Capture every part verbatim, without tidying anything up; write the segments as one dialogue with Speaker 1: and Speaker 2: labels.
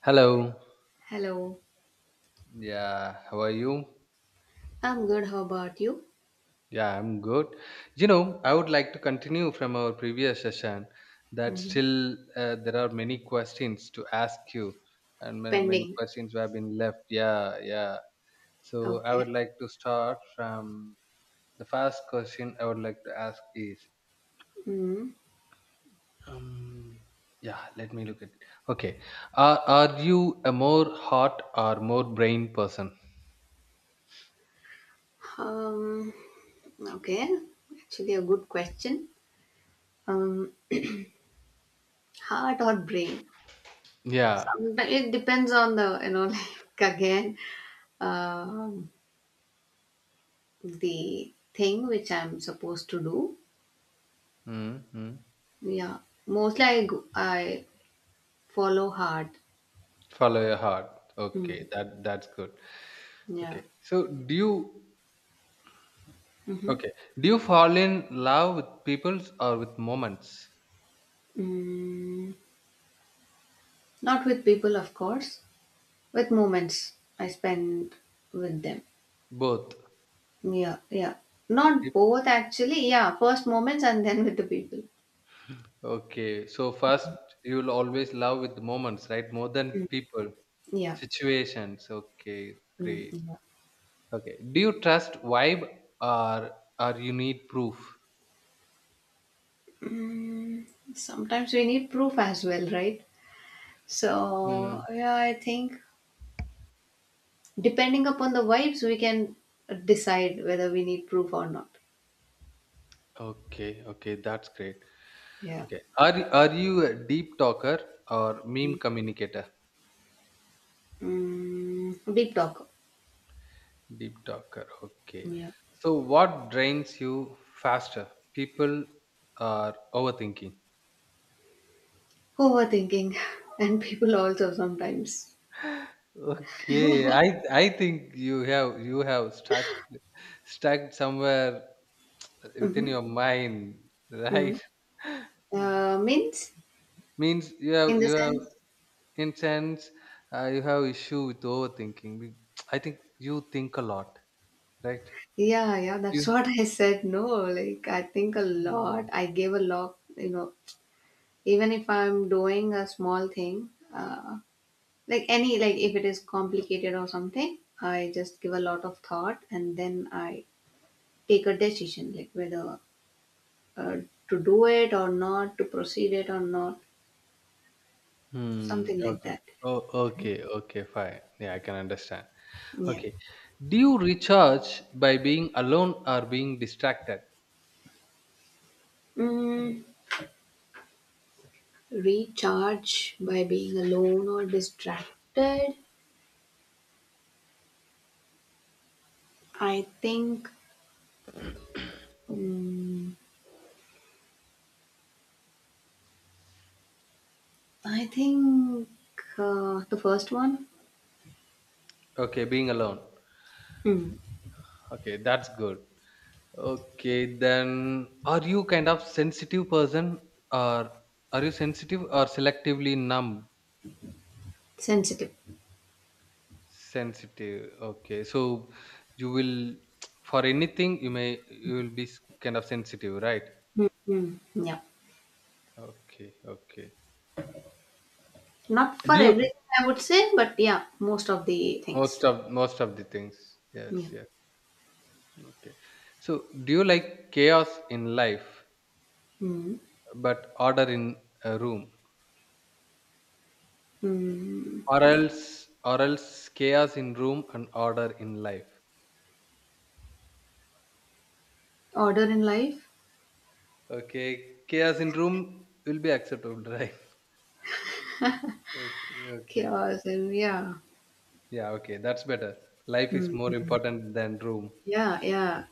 Speaker 1: Hello.
Speaker 2: Hello.
Speaker 1: Yeah, how are you?
Speaker 2: I'm good. How about you?
Speaker 1: Yeah, I'm good. You know, I would like to continue from our previous session that
Speaker 2: Hmm.
Speaker 1: still uh, there are many questions to ask you and many, many
Speaker 2: Pending.
Speaker 1: questions have been left. Yeah, yeah. So I
Speaker 2: Okay.
Speaker 1: would like to start from the first question I would like to ask is
Speaker 2: Mm.
Speaker 1: um, yeah, let me look at. Okay. Are, are you a more heart or more brain person?
Speaker 2: Um. Okay. Actually, a good question. Um. Heart or brain?
Speaker 1: Yeah.
Speaker 2: Sometimes it depends on the you know like again, um, the thing which I'm supposed to do.
Speaker 1: Mm-hmm.
Speaker 2: Yeah. Mostly I go, I follow heart.
Speaker 1: Follow your heart.
Speaker 2: Mm.
Speaker 1: Okay, that that's good.
Speaker 2: Yeah.
Speaker 1: Okay, so do you,
Speaker 2: Mm-hmm.
Speaker 1: okay? Do you fall in love with people or with moments?
Speaker 2: Mm. Not with people, of course. With moments I spend with them.
Speaker 1: Both.
Speaker 2: Yeah, yeah. Not
Speaker 1: Yep.
Speaker 2: both, actually. Yeah, first moments and then with the people.
Speaker 1: Okay, so first you will always love with moments, right? More than
Speaker 2: Mm.
Speaker 1: people,
Speaker 2: Yeah.
Speaker 1: situations. Okay,
Speaker 2: Mm,
Speaker 1: great.
Speaker 2: yeah.
Speaker 1: Okay, do you trust vibe or or you need proof?
Speaker 2: Mm, Sometimes we need proof as well, right? So,
Speaker 1: Hmm.
Speaker 2: yeah, I think depending upon the vibes, we can decide whether we need proof or not.
Speaker 1: Okay, okay, that's great.
Speaker 2: Yeah.
Speaker 1: Okay, are are you a deep talker or meme communicator?
Speaker 2: Mm, deep talk.
Speaker 1: Deep talker. Okay.
Speaker 2: Yeah.
Speaker 1: So, what drains you faster? People are overthinking.
Speaker 2: Overthinking. And people also sometimes.
Speaker 1: Okay, I I think you have you have stuck stuck somewhere within
Speaker 2: Mm-hmm.
Speaker 1: your mind,
Speaker 2: Mm.
Speaker 1: right? It
Speaker 2: Uh, means,
Speaker 1: means you
Speaker 2: in
Speaker 1: have
Speaker 2: the
Speaker 1: you have
Speaker 2: sense.
Speaker 1: in sense, uh, you have issue with overthinking. Be- I think you think a lot, right?
Speaker 2: Yeah, yeah,
Speaker 1: You.
Speaker 2: that's what I said. No, like I think a lot.
Speaker 1: Hmm.
Speaker 2: I gave a lot, you know, even if I'm doing a small thing, uh, like any, like if it is complicated or something, I just give a lot of thought and then I take a decision, like whether uh, to do it or not, to proceed it or not,
Speaker 1: Hmm,
Speaker 2: something like
Speaker 1: okay.
Speaker 2: that.
Speaker 1: Oh, okay, okay, fine. Yeah, I can understand.
Speaker 2: Yeah.
Speaker 1: Okay. Do you recharge by being alone or being distracted?
Speaker 2: Mm, Recharge by being alone or distracted. I think. mm, I think uh, the first one.
Speaker 1: Okay, being alone.
Speaker 2: Hmm.
Speaker 1: Okay, that's good. Okay, then are you kind of sensitive person, or are you sensitive or selectively numb?
Speaker 2: Sensitive.
Speaker 1: Sensitive. Okay. So you will for anything you may you will be s- kind of sensitive, right?
Speaker 2: Hmm. Hmm. Yeah.
Speaker 1: Okay, okay.
Speaker 2: Not
Speaker 1: Do
Speaker 2: for
Speaker 1: you
Speaker 2: everything, I would say, but yeah, most of the
Speaker 1: most
Speaker 2: things.
Speaker 1: of most of the things? Yes,
Speaker 2: Yeah.
Speaker 1: yes. Okay. So do you like chaos in life
Speaker 2: Hmm.
Speaker 1: but order in a room,
Speaker 2: Hmm.
Speaker 1: or else or else chaos in room and order in life?
Speaker 2: Order in life.
Speaker 1: Okay, chaos in room will be acceptable, right? Okay, okay.
Speaker 2: Chaos, and yeah.
Speaker 1: Yeah, okay, that's better. Life is more
Speaker 2: Hmm.
Speaker 1: important than room.
Speaker 2: Yeah. Yeah.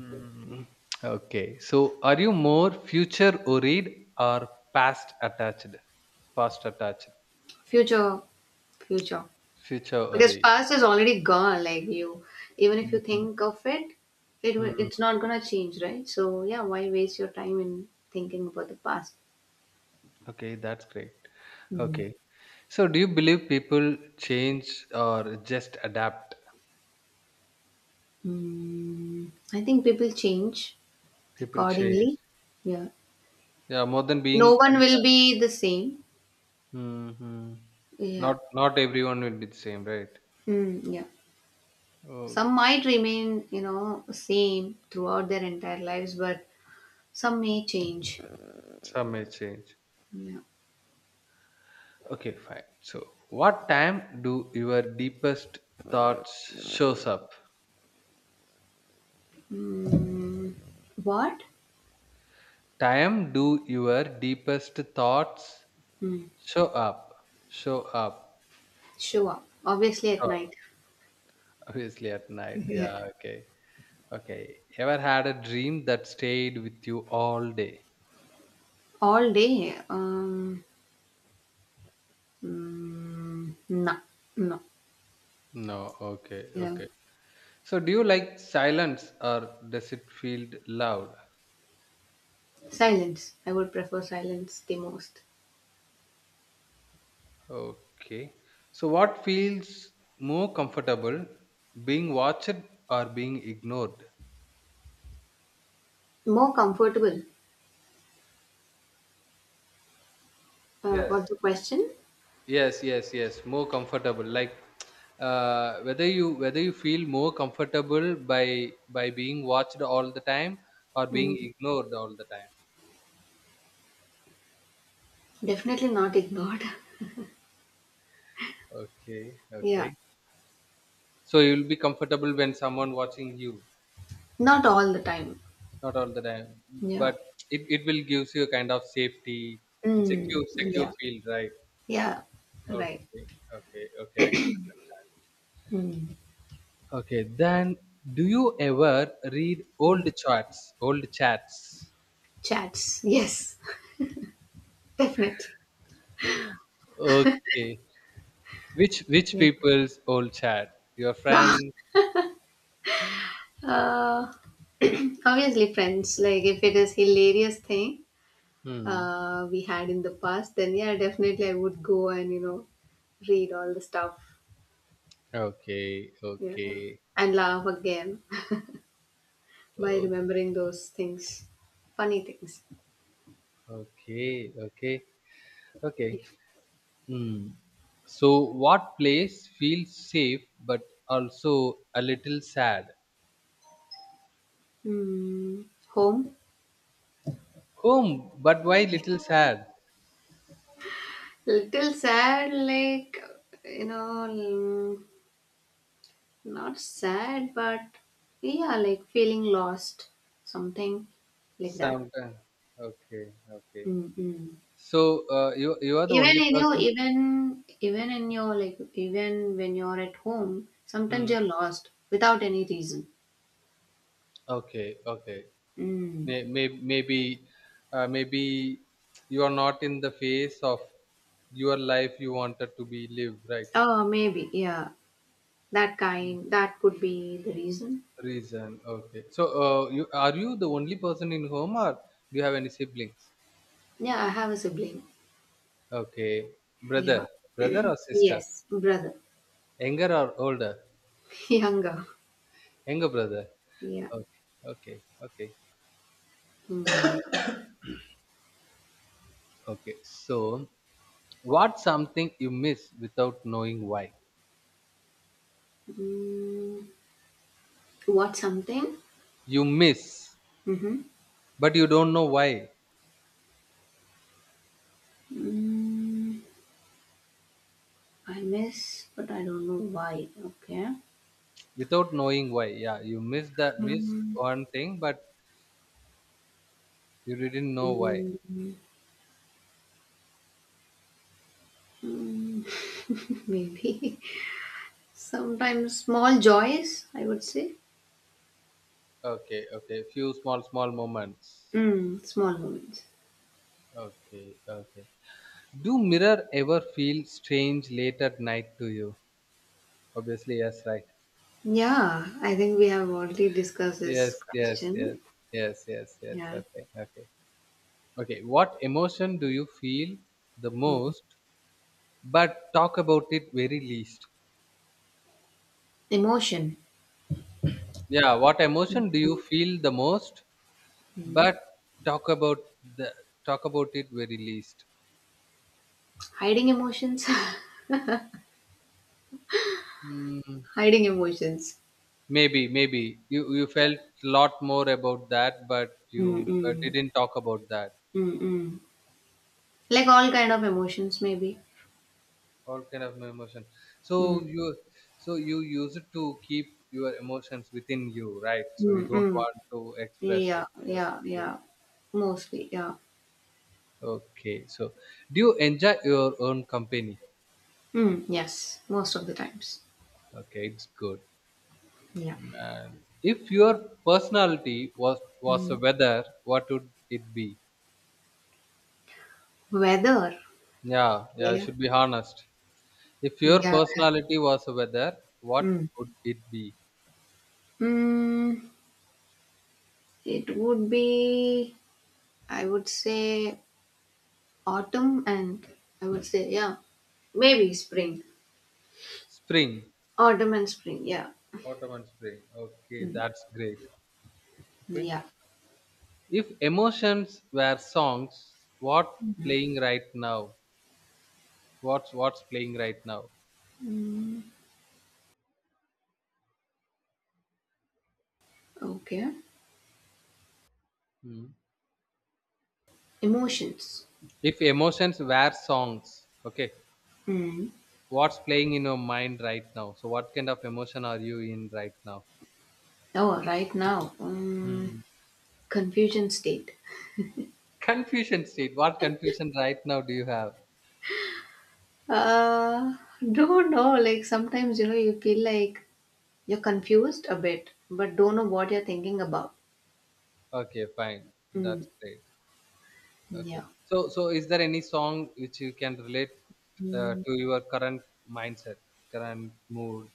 Speaker 1: Mm, okay, so are you more future worried or past attached past attached
Speaker 2: Future. Future.
Speaker 1: future
Speaker 2: Because
Speaker 1: worried?
Speaker 2: past is already gone. Like you, even if you
Speaker 1: Mm,
Speaker 2: think of it, it will- it's
Speaker 1: mm,
Speaker 2: not gonna change, right? So yeah, why waste your time in thinking about the past?
Speaker 1: okay, that's great. Okay, so do you believe people change or just adapt?
Speaker 2: Mm, I think people change
Speaker 1: People change.
Speaker 2: accordingly. Yeah.
Speaker 1: Yeah, more than
Speaker 2: No
Speaker 1: being. ad-
Speaker 2: one
Speaker 1: uh,
Speaker 2: will be the same.
Speaker 1: Mhm.
Speaker 2: Yeah.
Speaker 1: Not not everyone will be the same, right?
Speaker 2: Mm, yeah. Some might
Speaker 1: Okay.
Speaker 2: remain, you know, same throughout their entire lives, but some may change.
Speaker 1: Some may change.
Speaker 2: Yeah.
Speaker 1: Okay, fine. So, what time do your deepest thoughts shows up?
Speaker 2: What?
Speaker 1: Time do your deepest thoughts
Speaker 2: Mm,
Speaker 1: show up? Show up.
Speaker 2: Show up. Obviously at
Speaker 1: Show up.
Speaker 2: night.
Speaker 1: Obviously at night.
Speaker 2: Yeah.
Speaker 1: Yeah. Okay. Okay. Ever had a dream that stayed with you all day?
Speaker 2: All day. Um, mm, no. No.
Speaker 1: No. Okay.
Speaker 2: Yeah.
Speaker 1: Okay. So, do you like silence or does it feel loud?
Speaker 2: Silence. I would prefer silence the most.
Speaker 1: Okay. So, what feels more comfortable, being watched or being ignored?
Speaker 2: More comfortable. Uh,
Speaker 1: Yes.
Speaker 2: what's the question?
Speaker 1: Yes, yes, yes. More comfortable. Like, uh, whether you whether you feel more comfortable by by being watched all the time or being ignored all the time.
Speaker 2: Definitely not ignored.
Speaker 1: Okay.
Speaker 2: Yeah.
Speaker 1: Okay. So you'll be comfortable when someone watching you.
Speaker 2: Not all the time.
Speaker 1: Not all the time,
Speaker 2: Yeah.
Speaker 1: but it, it will gives you a kind of safety and secure
Speaker 2: Mm.
Speaker 1: secure
Speaker 2: Yeah.
Speaker 1: feel, right?
Speaker 2: Yeah. Right.
Speaker 1: Okay, okay, okay. I get
Speaker 2: Mm.
Speaker 1: it. Okay, then do you ever read old
Speaker 2: Mm.
Speaker 1: chats, old chats?
Speaker 2: Chats. Yes. Definitely.
Speaker 1: Okay, which which
Speaker 2: Yeah.
Speaker 1: people's old chat? Your friend?
Speaker 2: uh, Obviously, friends. Like, if it is hilarious thing
Speaker 1: Hmm.
Speaker 2: uh, we had in the past, then yeah, definitely I would go and, you know, read all the stuff.
Speaker 1: Okay,
Speaker 2: Yeah.
Speaker 1: okay,
Speaker 2: And laugh again by
Speaker 1: o-
Speaker 2: remembering those things. Funny things.
Speaker 1: okay, okay, okay.
Speaker 2: Yeah.
Speaker 1: Hmm. So, what place feels safe but also a little sad?
Speaker 2: Mm. Home.
Speaker 1: Home, but why little sad?
Speaker 2: Little sad, like, you know, mm, not sad, but yeah, like feeling lost, something like that.
Speaker 1: Sometimes. Okay, okay.
Speaker 2: Mm-mm.
Speaker 1: So uh, you you are the
Speaker 2: Even
Speaker 1: only
Speaker 2: in your,
Speaker 1: person.
Speaker 2: even, even in your, like, even when you're at home, sometimes
Speaker 1: Hmm.
Speaker 2: you're lost without any reason.
Speaker 1: Okay, okay.
Speaker 2: Mm.
Speaker 1: May, may, maybe uh, maybe you are not in the phase of your life you wanted to be lived, right?
Speaker 2: Oh, maybe, yeah. That kind, that could be the reason.
Speaker 1: Reason. Okay. So uh, you are you the only person in home, or do you have any siblings?
Speaker 2: Yeah, I have a sibling.
Speaker 1: Okay.
Speaker 2: Yeah.
Speaker 1: Brother, brother or sister?
Speaker 2: Yes, brother.
Speaker 1: Younger or older?
Speaker 2: Younger.
Speaker 1: Younger brother.
Speaker 2: Yeah.
Speaker 1: Okay, okay, okay.
Speaker 2: Hmm.
Speaker 1: Okay, so what's something you miss without knowing why?
Speaker 2: Mm. What something?
Speaker 1: You miss,
Speaker 2: Mm-hmm.
Speaker 1: but you don't know why.
Speaker 2: Mm, I miss, but I don't know why. Okay.
Speaker 1: Without knowing why, yeah, you miss the miss
Speaker 2: Um,
Speaker 1: one thing, but you didn't know why.
Speaker 2: mm, mm, Maybe sometimes small joys, I would say.
Speaker 1: Okay, okay, few small small moments.
Speaker 2: Mm, small moments.
Speaker 1: Okay, okay. Do mirror ever feel strange late at night to you? Obviously, yes, right.
Speaker 2: Yeah, I think we have already discussed this
Speaker 1: Yes, yes, yes,
Speaker 2: question.
Speaker 1: yes, yes, yes.
Speaker 2: Yeah.
Speaker 1: Okay, okay, okay. What emotion do you feel the most but talk about it very least?
Speaker 2: Emotion.
Speaker 1: Yeah, what emotion do you feel the most
Speaker 2: Mm.
Speaker 1: but talk about the talk about it very least?
Speaker 2: Hiding emotions.
Speaker 1: mm,
Speaker 2: Hiding emotions.
Speaker 1: maybe maybe you you felt a lot more about that, but you uh,
Speaker 2: Mm-mm.
Speaker 1: didn't talk about that.
Speaker 2: Mm-mm. Like all kind of emotions, maybe.
Speaker 1: All kind of emotion, so
Speaker 2: Mm.
Speaker 1: you so you use it to keep your emotions within you, right? So you don't
Speaker 2: Mm-mm.
Speaker 1: want to express
Speaker 2: Yeah,
Speaker 1: it.
Speaker 2: yeah,
Speaker 1: Okay,
Speaker 2: yeah. Mostly, yeah.
Speaker 1: okay, so do you enjoy your own company?
Speaker 2: Mm, yes, most of the times.
Speaker 1: Okay, it's good.
Speaker 2: Yeah.
Speaker 1: Man. If your personality was was a
Speaker 2: Mm.
Speaker 1: weather, what would it be?
Speaker 2: Weather.
Speaker 1: Yeah, yeah, I
Speaker 2: Yeah.
Speaker 1: should be honest. If your
Speaker 2: Yeah.
Speaker 1: personality was a weather, what
Speaker 2: Mm.
Speaker 1: would it be?
Speaker 2: Mm, it would be, I would say, autumn, and I would say, yeah, maybe spring.
Speaker 1: Spring,
Speaker 2: Autumn and spring, yeah.
Speaker 1: autumn and spring. Okay, that's great. Okay.
Speaker 2: Yeah.
Speaker 1: If emotions were songs, what playing right now? What's what's playing right now?
Speaker 2: Okay.
Speaker 1: Hmm.
Speaker 2: Emotions.
Speaker 1: If emotions were songs, okay,
Speaker 2: Mm.
Speaker 1: what's playing in your mind right now? So what kind of emotion are you in right now?
Speaker 2: Oh, right now, um,
Speaker 1: Hmm.
Speaker 2: confusion state.
Speaker 1: Confusion state. What confusion right now do you have?
Speaker 2: Uh, don't know. Like sometimes, you know, you feel like you're confused a bit, but don't know what you're thinking about.
Speaker 1: Okay, fine.
Speaker 2: Mm,
Speaker 1: That's great.
Speaker 2: yeah.
Speaker 1: Okay. So, so is there any song which you can relate uh,
Speaker 2: Mm.
Speaker 1: to your current mindset, current mood?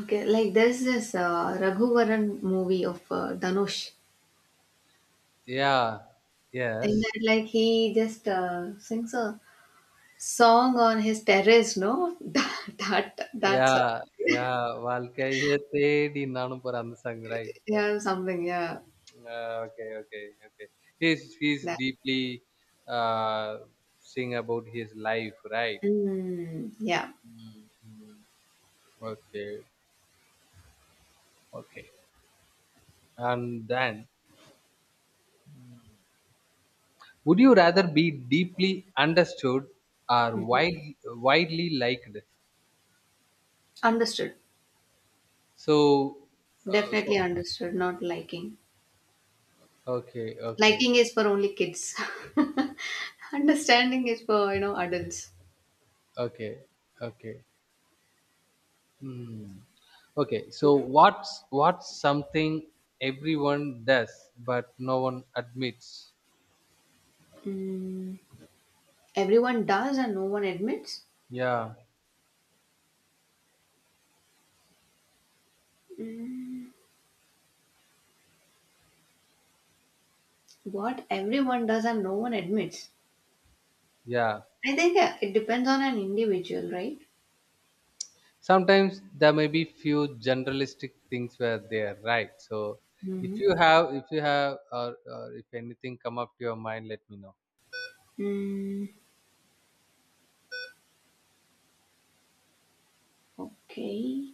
Speaker 2: Okay, like there's this uh, Raghuvaran movie of uh, Dhanush.
Speaker 1: Yeah.
Speaker 2: In
Speaker 1: Yes.
Speaker 2: that, like he just uh, sings a song on his terrace, no? That, that that's uh,
Speaker 1: Yeah. Yeah. வாழ்க்கையே தேடி நானும் போற அந்த song, right? Okay.
Speaker 2: yeah, something, yeah,
Speaker 1: Uh, okay. Okay. Okay. He's he's
Speaker 2: that.
Speaker 1: deeply, uh, sing about his life, right?
Speaker 2: mm, yeah.
Speaker 1: Mm, mm. Okay. Okay. And then would you rather be deeply understood or
Speaker 2: Mhm.
Speaker 1: wide, widely liked?
Speaker 2: understood
Speaker 1: So, uh, so
Speaker 2: Definitely understood. Not liking.
Speaker 1: okay, okay,
Speaker 2: Liking is for only kids. Understanding is for you know adults.
Speaker 1: okay, okay. Hmm. Okay,
Speaker 2: Yeah.
Speaker 1: so what's what's something everyone does but no one admits?
Speaker 2: Mm, Everyone does and no one admits?
Speaker 1: Yeah,
Speaker 2: Mm, what everyone does and no one admits?
Speaker 1: yeah.
Speaker 2: I think uh, it depends on an individual, right?
Speaker 1: Sometimes there may be few generalistic things where they are right. So if
Speaker 2: Mm,
Speaker 1: you have, if you have, or, or if anything come up to your mind, let me know.
Speaker 2: mm, okay.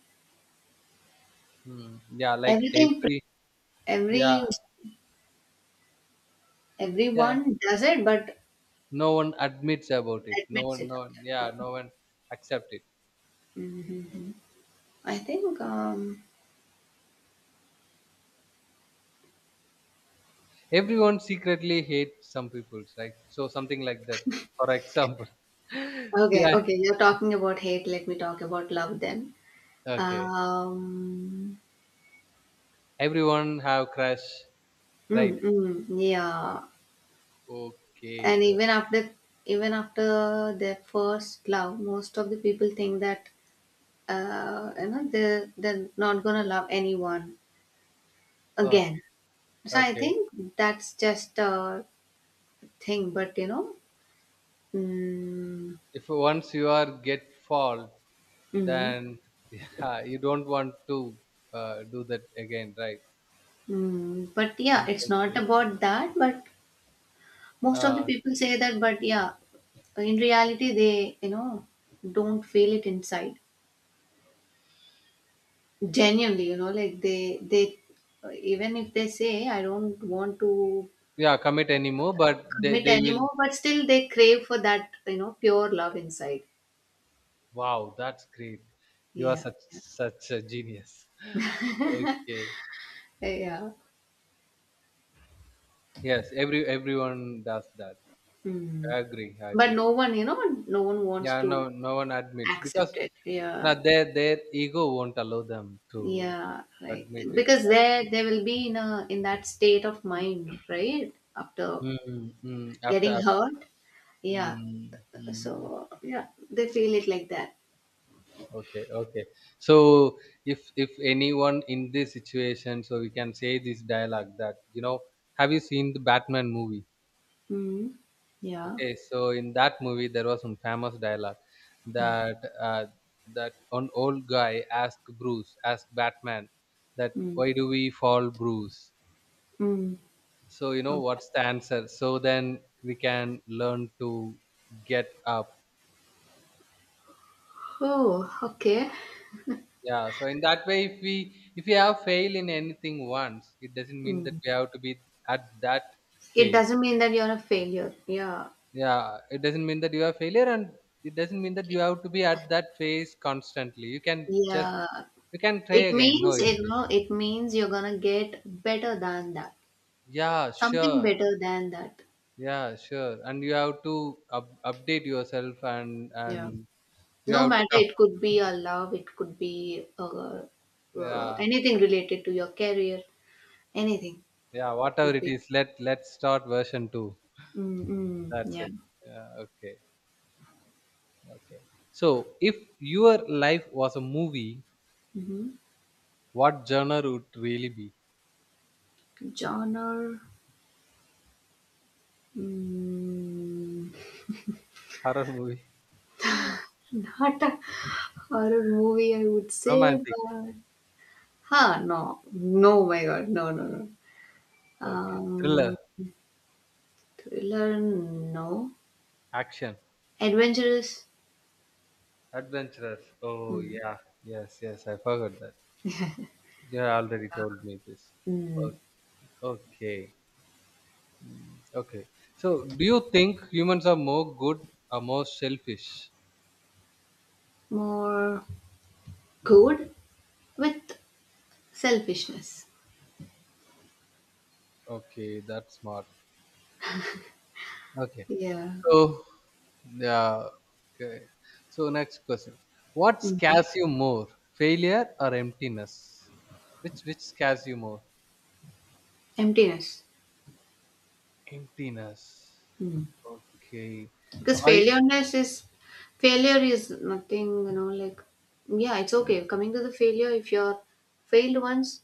Speaker 1: Hmm. Yeah, like
Speaker 2: Everything, pre-
Speaker 1: every yeah,
Speaker 2: every
Speaker 1: yeah, yeah.
Speaker 2: everyone does it, but
Speaker 1: No one admits about it. No
Speaker 2: admits
Speaker 1: one,
Speaker 2: it.
Speaker 1: no one. Yeah, no one accept it.
Speaker 2: Mm-hmm. I think. Um,
Speaker 1: Everyone secretly hates some people's, right? So something like that. For example,
Speaker 2: okay,
Speaker 1: yeah.
Speaker 2: okay. You're talking about hate. Let me talk about love then.
Speaker 1: Okay.
Speaker 2: Um,
Speaker 1: Everyone have crush, right?
Speaker 2: mm, mm, yeah.
Speaker 1: Okay.
Speaker 2: And
Speaker 1: o-
Speaker 2: even after even after their first love, most of the people think that uh, you know they they're not gonna love anyone again.
Speaker 1: Okay.
Speaker 2: So I
Speaker 1: Ok.
Speaker 2: think that's just a thing, but you know mm,
Speaker 1: If once you are get fall,
Speaker 2: mm,
Speaker 1: then yeah, you don't want to uh, do that again, right?
Speaker 2: mm, but yeah,
Speaker 1: In
Speaker 2: it's
Speaker 1: such
Speaker 2: not
Speaker 1: way.
Speaker 2: about that, but most of the
Speaker 1: Uh,
Speaker 2: people say that, but yeah, in reality, they you know don't feel it inside genuinely, you know like they they even if they say I don't want to
Speaker 1: yeah, commit anymore, but they
Speaker 2: commit
Speaker 1: they will.
Speaker 2: anymore, but still they crave for that, you know, pure love inside.
Speaker 1: Wow, that's great. You are
Speaker 2: Yeah.
Speaker 1: such such a genius. Okay.
Speaker 2: Eh, Yeah.
Speaker 1: Yes, every everyone does that.
Speaker 2: Hmm.
Speaker 1: I agree. I
Speaker 2: But
Speaker 1: agree.
Speaker 2: no one, you know, no one wants
Speaker 1: Yeah,
Speaker 2: to
Speaker 1: no no one admits because,
Speaker 2: accept it.
Speaker 1: you know,
Speaker 2: Yeah.
Speaker 1: their their ego won't allow them to
Speaker 2: Yeah. Right.
Speaker 1: admit it,
Speaker 2: Because
Speaker 1: right?
Speaker 2: there they will be in a in that state of mind, right? After
Speaker 1: Mm, mm, After
Speaker 2: getting
Speaker 1: after.
Speaker 2: hurt. Yeah.
Speaker 1: Mm, mm.
Speaker 2: So yeah, they feel it like that.
Speaker 1: Okay, okay. So if if anyone in this situation, so we can say this dialogue that, you know, have you seen the Batman movie?
Speaker 2: Hmm. Yeah.
Speaker 1: Okay, so in that movie, there was some famous dialogue
Speaker 2: Mm.
Speaker 1: that uh, that an old guy asked Bruce, asked Batman, that
Speaker 2: Mm.
Speaker 1: why do we fall, Bruce?
Speaker 2: Mm.
Speaker 1: So you know
Speaker 2: Okay.
Speaker 1: what's the answer? So then we can learn to get up.
Speaker 2: Oh, okay.
Speaker 1: Yeah. So in that way, if we if we have failed in anything once, it doesn't mean that
Speaker 2: Mm.
Speaker 1: we have to be at that
Speaker 2: It
Speaker 1: phase.
Speaker 2: doesn't mean that you're a failure. Yeah.
Speaker 1: Yeah, it doesn't mean that you are failure, and it doesn't mean that you have to be at that phase constantly. You can just
Speaker 2: Yeah.
Speaker 1: We can try
Speaker 2: It
Speaker 1: again, no
Speaker 2: means, you
Speaker 1: issues.
Speaker 2: know, it means you're gonna get better than that.
Speaker 1: Yeah,
Speaker 2: Something
Speaker 1: sure.
Speaker 2: better than that.
Speaker 1: Yeah, sure. And you have to up, update yourself and
Speaker 2: Yeah.
Speaker 1: and you
Speaker 2: No
Speaker 1: have to
Speaker 2: matter,
Speaker 1: come.
Speaker 2: it could be a love, it could be uh, uh,
Speaker 1: Yeah,
Speaker 2: anything related to your career, anything.
Speaker 1: yeah.
Speaker 2: It
Speaker 1: Whatever
Speaker 2: could
Speaker 1: it
Speaker 2: be.
Speaker 1: is, let let's start version two.
Speaker 2: Mm, mm,
Speaker 1: That's
Speaker 2: yeah.
Speaker 1: it. Yeah. Okay. Okay. So, if your life was a movie,
Speaker 2: Hmm.
Speaker 1: what genre would really be?
Speaker 2: Genre. Mm,
Speaker 1: Horror movie,
Speaker 2: Not a horror movie, I would say,
Speaker 1: romantic.
Speaker 2: but. Huh, no. No, my God. No, no, no.
Speaker 1: Okay. Thriller,
Speaker 2: Um, Thriller, no.
Speaker 1: action,
Speaker 2: Adventurous.
Speaker 1: adventurous. Oh,
Speaker 2: mm,
Speaker 1: yeah. Yes, yes, I forgot that. You already told me this.
Speaker 2: mm,
Speaker 1: O- Okay. Mm, okay. So, do you think humans are more good or more selfish?
Speaker 2: More good with selfishness.
Speaker 1: Okay, that's smart. Okay.
Speaker 2: Yeah.
Speaker 1: So, yeah. Okay. So, next question. What
Speaker 2: Mhm.
Speaker 1: scares you more, failure or emptiness? Which which scares you more?
Speaker 2: Emptiness.
Speaker 1: Emptiness.
Speaker 2: Mm.
Speaker 1: Okay. So,
Speaker 2: Because
Speaker 1: I.
Speaker 2: failureness is failure is nothing. You know, like yeah, it's okay. Coming to the failure, if you're failed once,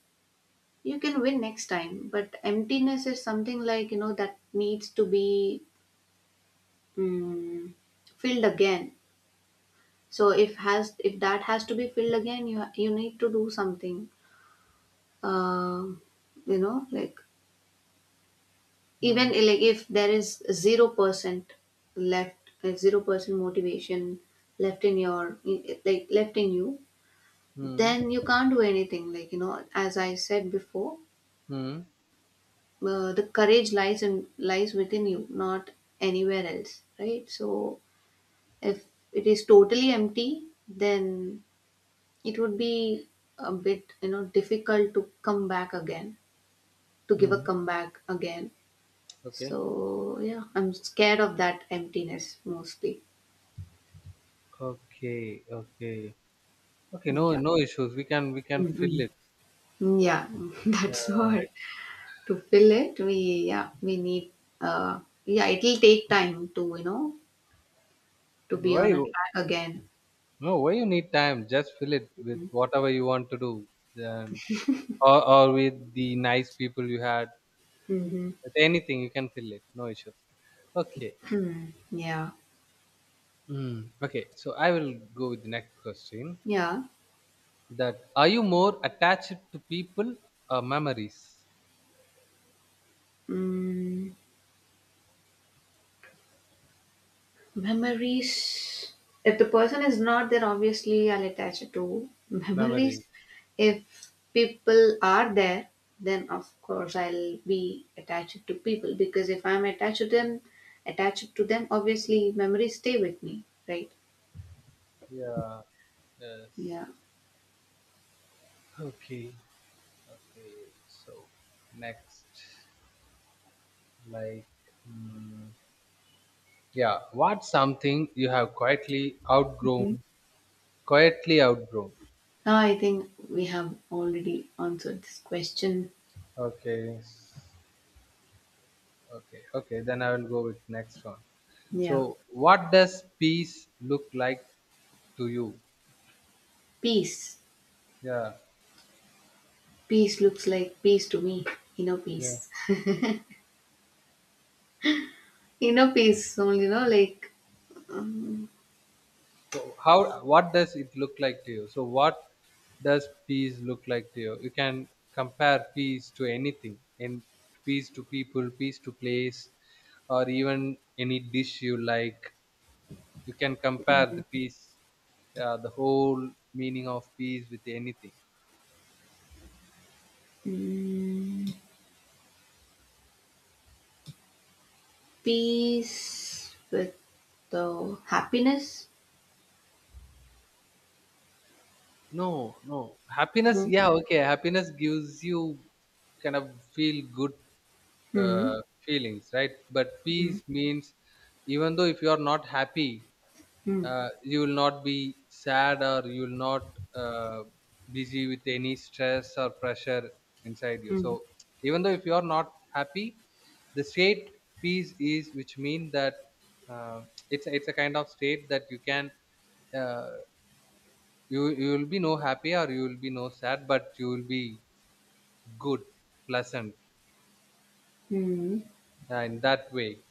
Speaker 2: you can win next time. But emptiness is something like you know that needs to be mm, filled again. So if has if that has to be filled again, you you need to do something. Uh, you know, like even
Speaker 1: Hmm.
Speaker 2: like if there is zero percent left, like zero percent motivation left in your like left in you,
Speaker 1: Hmm.
Speaker 2: then you can't do anything. Like, you know, as I said before,
Speaker 1: Hmm.
Speaker 2: uh, the courage lies in lies within you, not anywhere else, right? So if it is totally empty, then it would be a bit you know difficult to come back again, to give a
Speaker 1: Hmm.
Speaker 2: comeback again.
Speaker 1: Okay.
Speaker 2: So yeah, I'm scared of that emptiness mostly.
Speaker 1: Okay. Okay. Okay. No.
Speaker 2: Yeah.
Speaker 1: No issues. We can. We can
Speaker 2: Mm-mm.
Speaker 1: fill it.
Speaker 2: Yeah. That's
Speaker 1: Uh,
Speaker 2: what. To fill it, we yeah we need. uh yeah, it'll take time to, you know to be on
Speaker 1: why?
Speaker 2: a track again.
Speaker 1: No, why you need time? Just fill it with whatever you want to do, then or or with the nice people you had.
Speaker 2: Mm-hmm.
Speaker 1: With anything, you can fill it. No issues. Okay.
Speaker 2: Hmm. Yeah,
Speaker 1: Mm. Okay. So I will go with the next question.
Speaker 2: yeah.
Speaker 1: That are you more attached to people or memories?
Speaker 2: Mm. Memories. If the person is not there, obviously I'll attach it to memories.
Speaker 1: Memories.
Speaker 2: If people are there, then of course I'll be attached to people, because if I'm attached to them, attached to them, obviously memories stay with me, right?
Speaker 1: Yeah. Yes.
Speaker 2: Yeah.
Speaker 1: Okay. Okay. So next, like, mm, yeah. What's something you have quietly
Speaker 2: Mhm.
Speaker 1: outgrown? Quietly outgrown.
Speaker 2: Now I think we have already answered this question.
Speaker 1: Okay. Okay, okay, then I will go with next one.
Speaker 2: Yeah.
Speaker 1: So, what does peace look like to you?
Speaker 2: Peace.
Speaker 1: Yeah.
Speaker 2: Peace looks like peace to me. Inner
Speaker 1: Yeah.
Speaker 2: peace. Inner peace only, you know, like. Um,
Speaker 1: Wh- How what does it look like to you? So, what does peace look like to you? You can compare peace to anything, in peace to people, peace to place, or even any dish you like. You can compare the peace. Yeah, the whole meaning of peace with anything.
Speaker 2: mm, Peace with the happiness.
Speaker 1: No, no. Happiness,
Speaker 2: Mhm.
Speaker 1: yeah, okay. Happiness gives you kind of feel good
Speaker 2: Hmm.
Speaker 1: uh, feelings, right? But
Speaker 2: Hmm.
Speaker 1: peace means, even though if you are not happy,
Speaker 2: Hmm.
Speaker 1: uh, you will not be sad or you will not uh, busy with any stress or pressure inside you.
Speaker 2: Hmm.
Speaker 1: So even though if you are not happy, the state peace is, which means that uh, it's it's a kind of state that you can uh, you you will be no happy or you will be no sad, but you will be good, pleasant,
Speaker 2: Hmm.
Speaker 1: uh, in that way.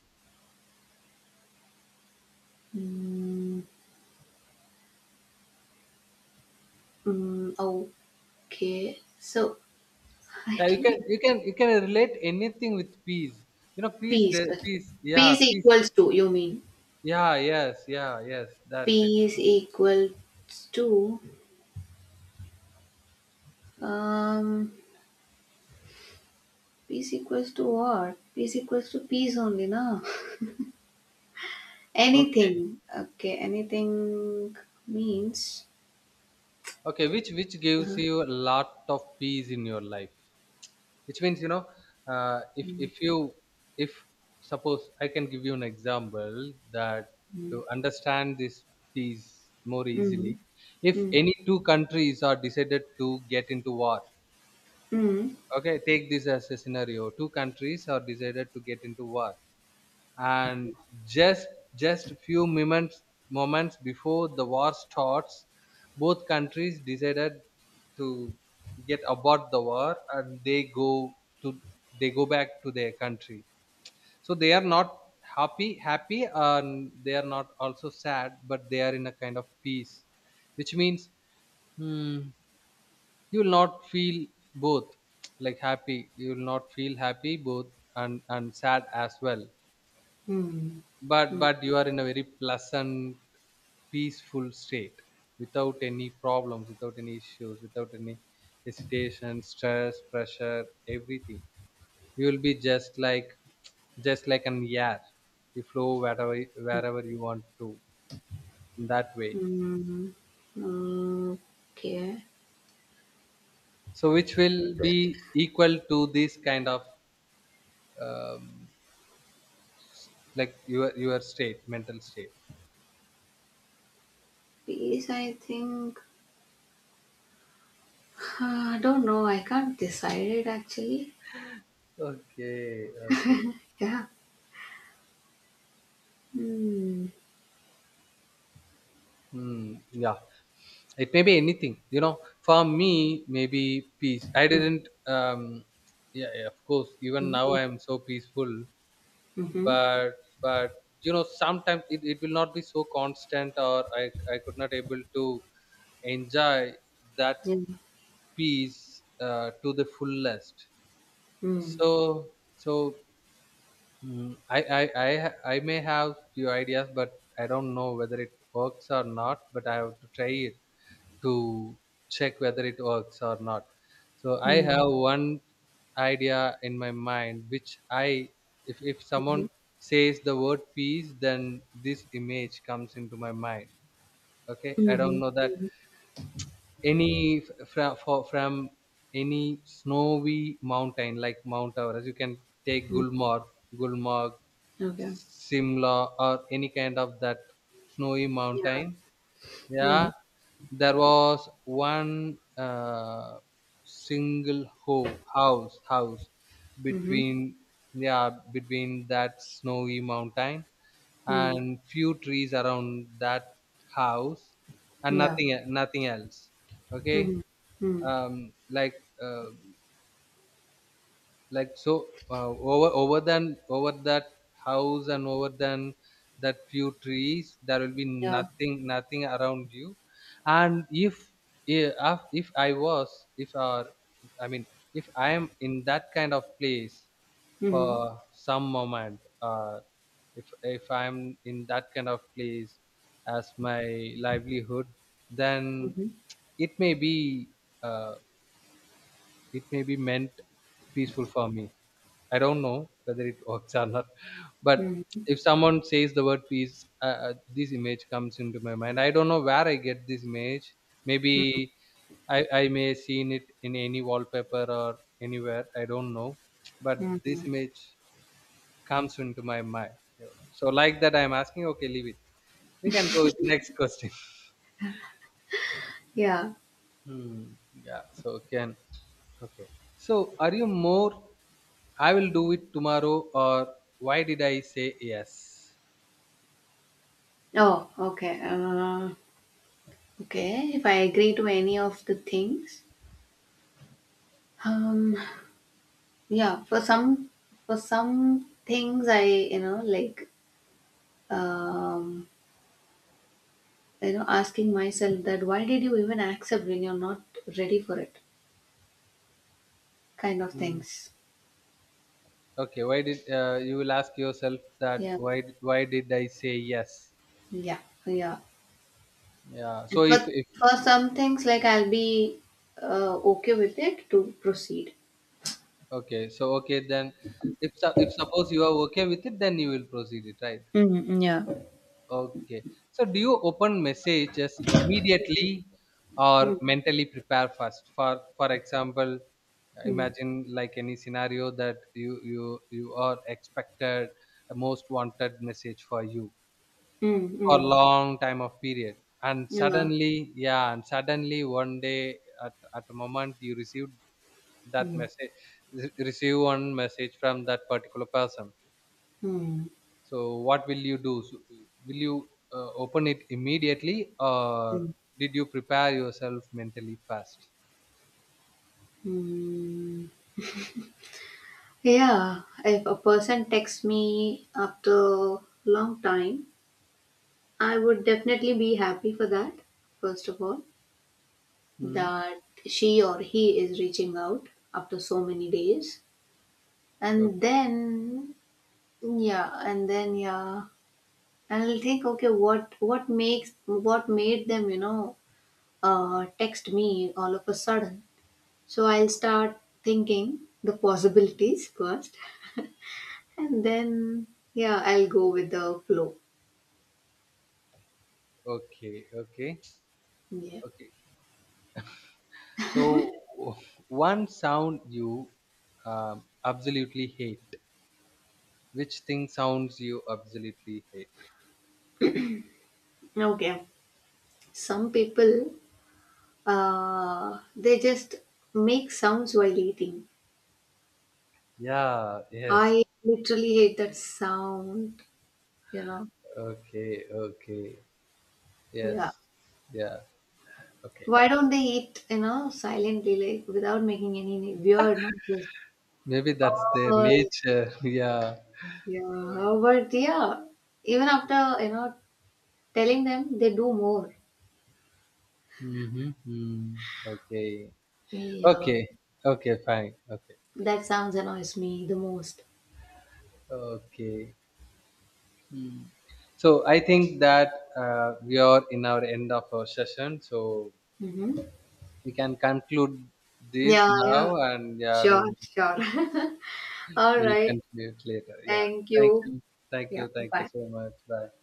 Speaker 2: Hmm. Hmm. Okay. So I
Speaker 1: Yeah, you can
Speaker 2: think
Speaker 1: you can you can relate anything with peace, you know. peace
Speaker 2: peace.
Speaker 1: the- peace yeah,
Speaker 2: Peace
Speaker 1: peace,
Speaker 2: equals to. You mean
Speaker 1: yeah yes yeah yes, that's it.
Speaker 2: peace equals to. Um. Peace equals to what? Peace equals to peace only, na?
Speaker 1: Okay,
Speaker 2: Anything. Okay. Anything means.
Speaker 1: okay, which which gives you a lot of peace in your life, which means, you know, uh, if
Speaker 2: Hmm.
Speaker 1: if you, if suppose I can give you an example, that
Speaker 2: Hmm.
Speaker 1: to understand this piece more
Speaker 2: Hmm.
Speaker 1: easily, if
Speaker 2: Hmm.
Speaker 1: any two countries are decided to get into war.
Speaker 2: Hmm.
Speaker 1: Okay, take this as a scenario. Two countries are decided to get into war, and just just few moments, moments before the war starts, both countries decided to get abort the war and they go to, they go back to their country. So they are not happy happy and they are not also sad, but they are in a kind of peace, which means, hmm, you will not feel both, like happy, you will not feel happy both, and and sad as well,
Speaker 2: Hmm.
Speaker 1: but
Speaker 2: Mm,
Speaker 1: but you are in a very pleasant, peaceful state, without any problems, without any issues, without any hesitation, stress, pressure, everything. You will be just like, just like an air, you flow wherever, wherever you want to, in that way.
Speaker 2: mm, Okay.
Speaker 1: So which will be equal to this kind of um, like your your state, mental state.
Speaker 2: Peace, I think. I don't know. I can't decide it, actually.
Speaker 1: Okay, okay.
Speaker 2: Yeah. Hmm.
Speaker 1: Hmm, yeah, it may be anything, you know. For me, maybe peace, I
Speaker 2: Mm,
Speaker 1: didn't um yeah, yeah, of course, even now
Speaker 2: mm,
Speaker 1: I am so peaceful,
Speaker 2: mm, mhm.
Speaker 1: but but you know, sometimes it, it will not be so constant, or i i could not able to enjoy that
Speaker 2: Yeah. Mm,
Speaker 1: peace, uh, to the fullest.
Speaker 2: mm,
Speaker 1: So so, mm, I, I i ha- I may have few ideas, but I don't know whether it works or not, but I have to try it to check whether it works or not. So
Speaker 2: mhm.
Speaker 1: I
Speaker 2: Mhm,
Speaker 1: have one idea in my mind, which I, if, if
Speaker 2: mhm.
Speaker 1: someone says the word peace, then this image comes into my mind. Okay. I don't know that any f- fra- for, from any snowy mountain like Mount Everest, you can take
Speaker 2: Hmm.
Speaker 1: Gulmarg, Gulmarg,
Speaker 2: Okay.
Speaker 1: Simla, or any kind of that snowy
Speaker 2: Yeah.
Speaker 1: mountain,
Speaker 2: Mm,
Speaker 1: yeah, there was one uh, single ho- house house
Speaker 2: mhm,
Speaker 1: between, yeah, between that snowy mountain
Speaker 2: mm.
Speaker 1: and few trees around that house, and
Speaker 2: Yeah.
Speaker 1: nothing e- nothing else. Okay,
Speaker 2: Mhm, mm.
Speaker 1: um, like. Uh, like, so uh, over over than over that house and over than that few trees, there will be
Speaker 2: Yeah.
Speaker 1: nothing nothing around you. And if i- if, if I was, if, or I mean, if I am in that kind of place
Speaker 2: Mhm,
Speaker 1: for some moment, uh, if if I'm in that kind of place as my livelihood, then
Speaker 2: mhm,
Speaker 1: it may be uh, it may be meant peaceful for me. I don't know whether it works or not, but
Speaker 2: mm,
Speaker 1: if someone says the word peace, uh, uh, this image comes into my mind. I don't know where I get this image. Maybe I, I may seen it in any wallpaper or anywhere. I don't know, but this
Speaker 2: mhm.
Speaker 1: image comes into my mind. Yeah. So like that, I'm asking. Okay, leave it. We can go with next question.
Speaker 2: Yeah.
Speaker 1: Hmm. Yeah. So can, okay. So are you more, I will do it tomorrow, or why did I say yes?
Speaker 2: Oh, okay. Uh, okay. If I agree to any of the things, Um, yeah, for some for some things I, you know, like um, you know, asking myself that why did you even accept when you're not ready for it, kind of
Speaker 1: Mm.
Speaker 2: things.
Speaker 1: Okay, why did uh, you will ask yourself that
Speaker 2: Yeah,
Speaker 1: why why did I say yes?
Speaker 2: yeah, yeah.
Speaker 1: Yeah. So
Speaker 2: And
Speaker 1: if
Speaker 2: for
Speaker 1: if
Speaker 2: for some things, like I'll be uh, okay with it to proceed.
Speaker 1: okay, so okay, then if su- if suppose you are okay with it, then you will proceed it, right?
Speaker 2: Mm, yeah.
Speaker 1: Okay. So do you open messages immediately or
Speaker 2: Mm,
Speaker 1: mentally prepare first? For for example,
Speaker 2: mm,
Speaker 1: imagine like any scenario that you you you are expected a most wanted message for you
Speaker 2: mm,
Speaker 1: for
Speaker 2: mm,
Speaker 1: long time of period, and
Speaker 2: yeah.
Speaker 1: suddenly, yeah, and suddenly one day, at, at the moment you received that
Speaker 2: Mm,
Speaker 1: message, re- receive one message from that particular person.
Speaker 2: mm,
Speaker 1: So what will you do? So, will you uh, open it immediately or
Speaker 2: mm,
Speaker 1: did you prepare yourself mentally first?
Speaker 2: mm. Yeah, if a person texts me after long time, I would definitely be happy for that. First of all,
Speaker 1: Hmm.
Speaker 2: that she or he is reaching out after so many days,
Speaker 1: O-
Speaker 2: and then yeah, and then yeah, and I'll think, okay, what what makes what made them, you know, uh, text me all of a sudden? So I'll start thinking the possibilities first, and then yeah, I'll go with the flow.
Speaker 1: okay, okay,
Speaker 2: Yeah.
Speaker 1: okay. So one sound you um absolutely hate, which thing sounds you absolutely hate?
Speaker 2: Okay. Some people, uh, they just make sounds while eating.
Speaker 1: Yeah, yes.
Speaker 2: I literally hate that sound, you know.
Speaker 1: Okay, okay.
Speaker 2: Yeah.
Speaker 1: Yes. Yeah. Okay.
Speaker 2: Why don't they eat, you know, silently, like without making any weird noises?
Speaker 1: Maybe that's their
Speaker 2: Oh,
Speaker 1: nature. Yeah.
Speaker 2: yeah. But yeah, even after, you know, telling them, they do more.
Speaker 1: Mm-hmm. Mm. Okay.
Speaker 2: Yeah.
Speaker 1: Okay. Okay, fine. Okay.
Speaker 2: That sounds annoys me the most.
Speaker 1: Okay. Mm. So I think that uh, we are in our end of our session. So
Speaker 2: Mm-hmm.
Speaker 1: we can conclude this
Speaker 2: Yeah, yeah.
Speaker 1: now, and yeah, we
Speaker 2: Sure,
Speaker 1: will,
Speaker 2: sure. All
Speaker 1: we'll
Speaker 2: right.
Speaker 1: continue it later. Yeah.
Speaker 2: Thank
Speaker 1: Thank
Speaker 2: you.
Speaker 1: you. Thank
Speaker 2: Yeah,
Speaker 1: you. Thank you
Speaker 2: bye.
Speaker 1: so much. Bye.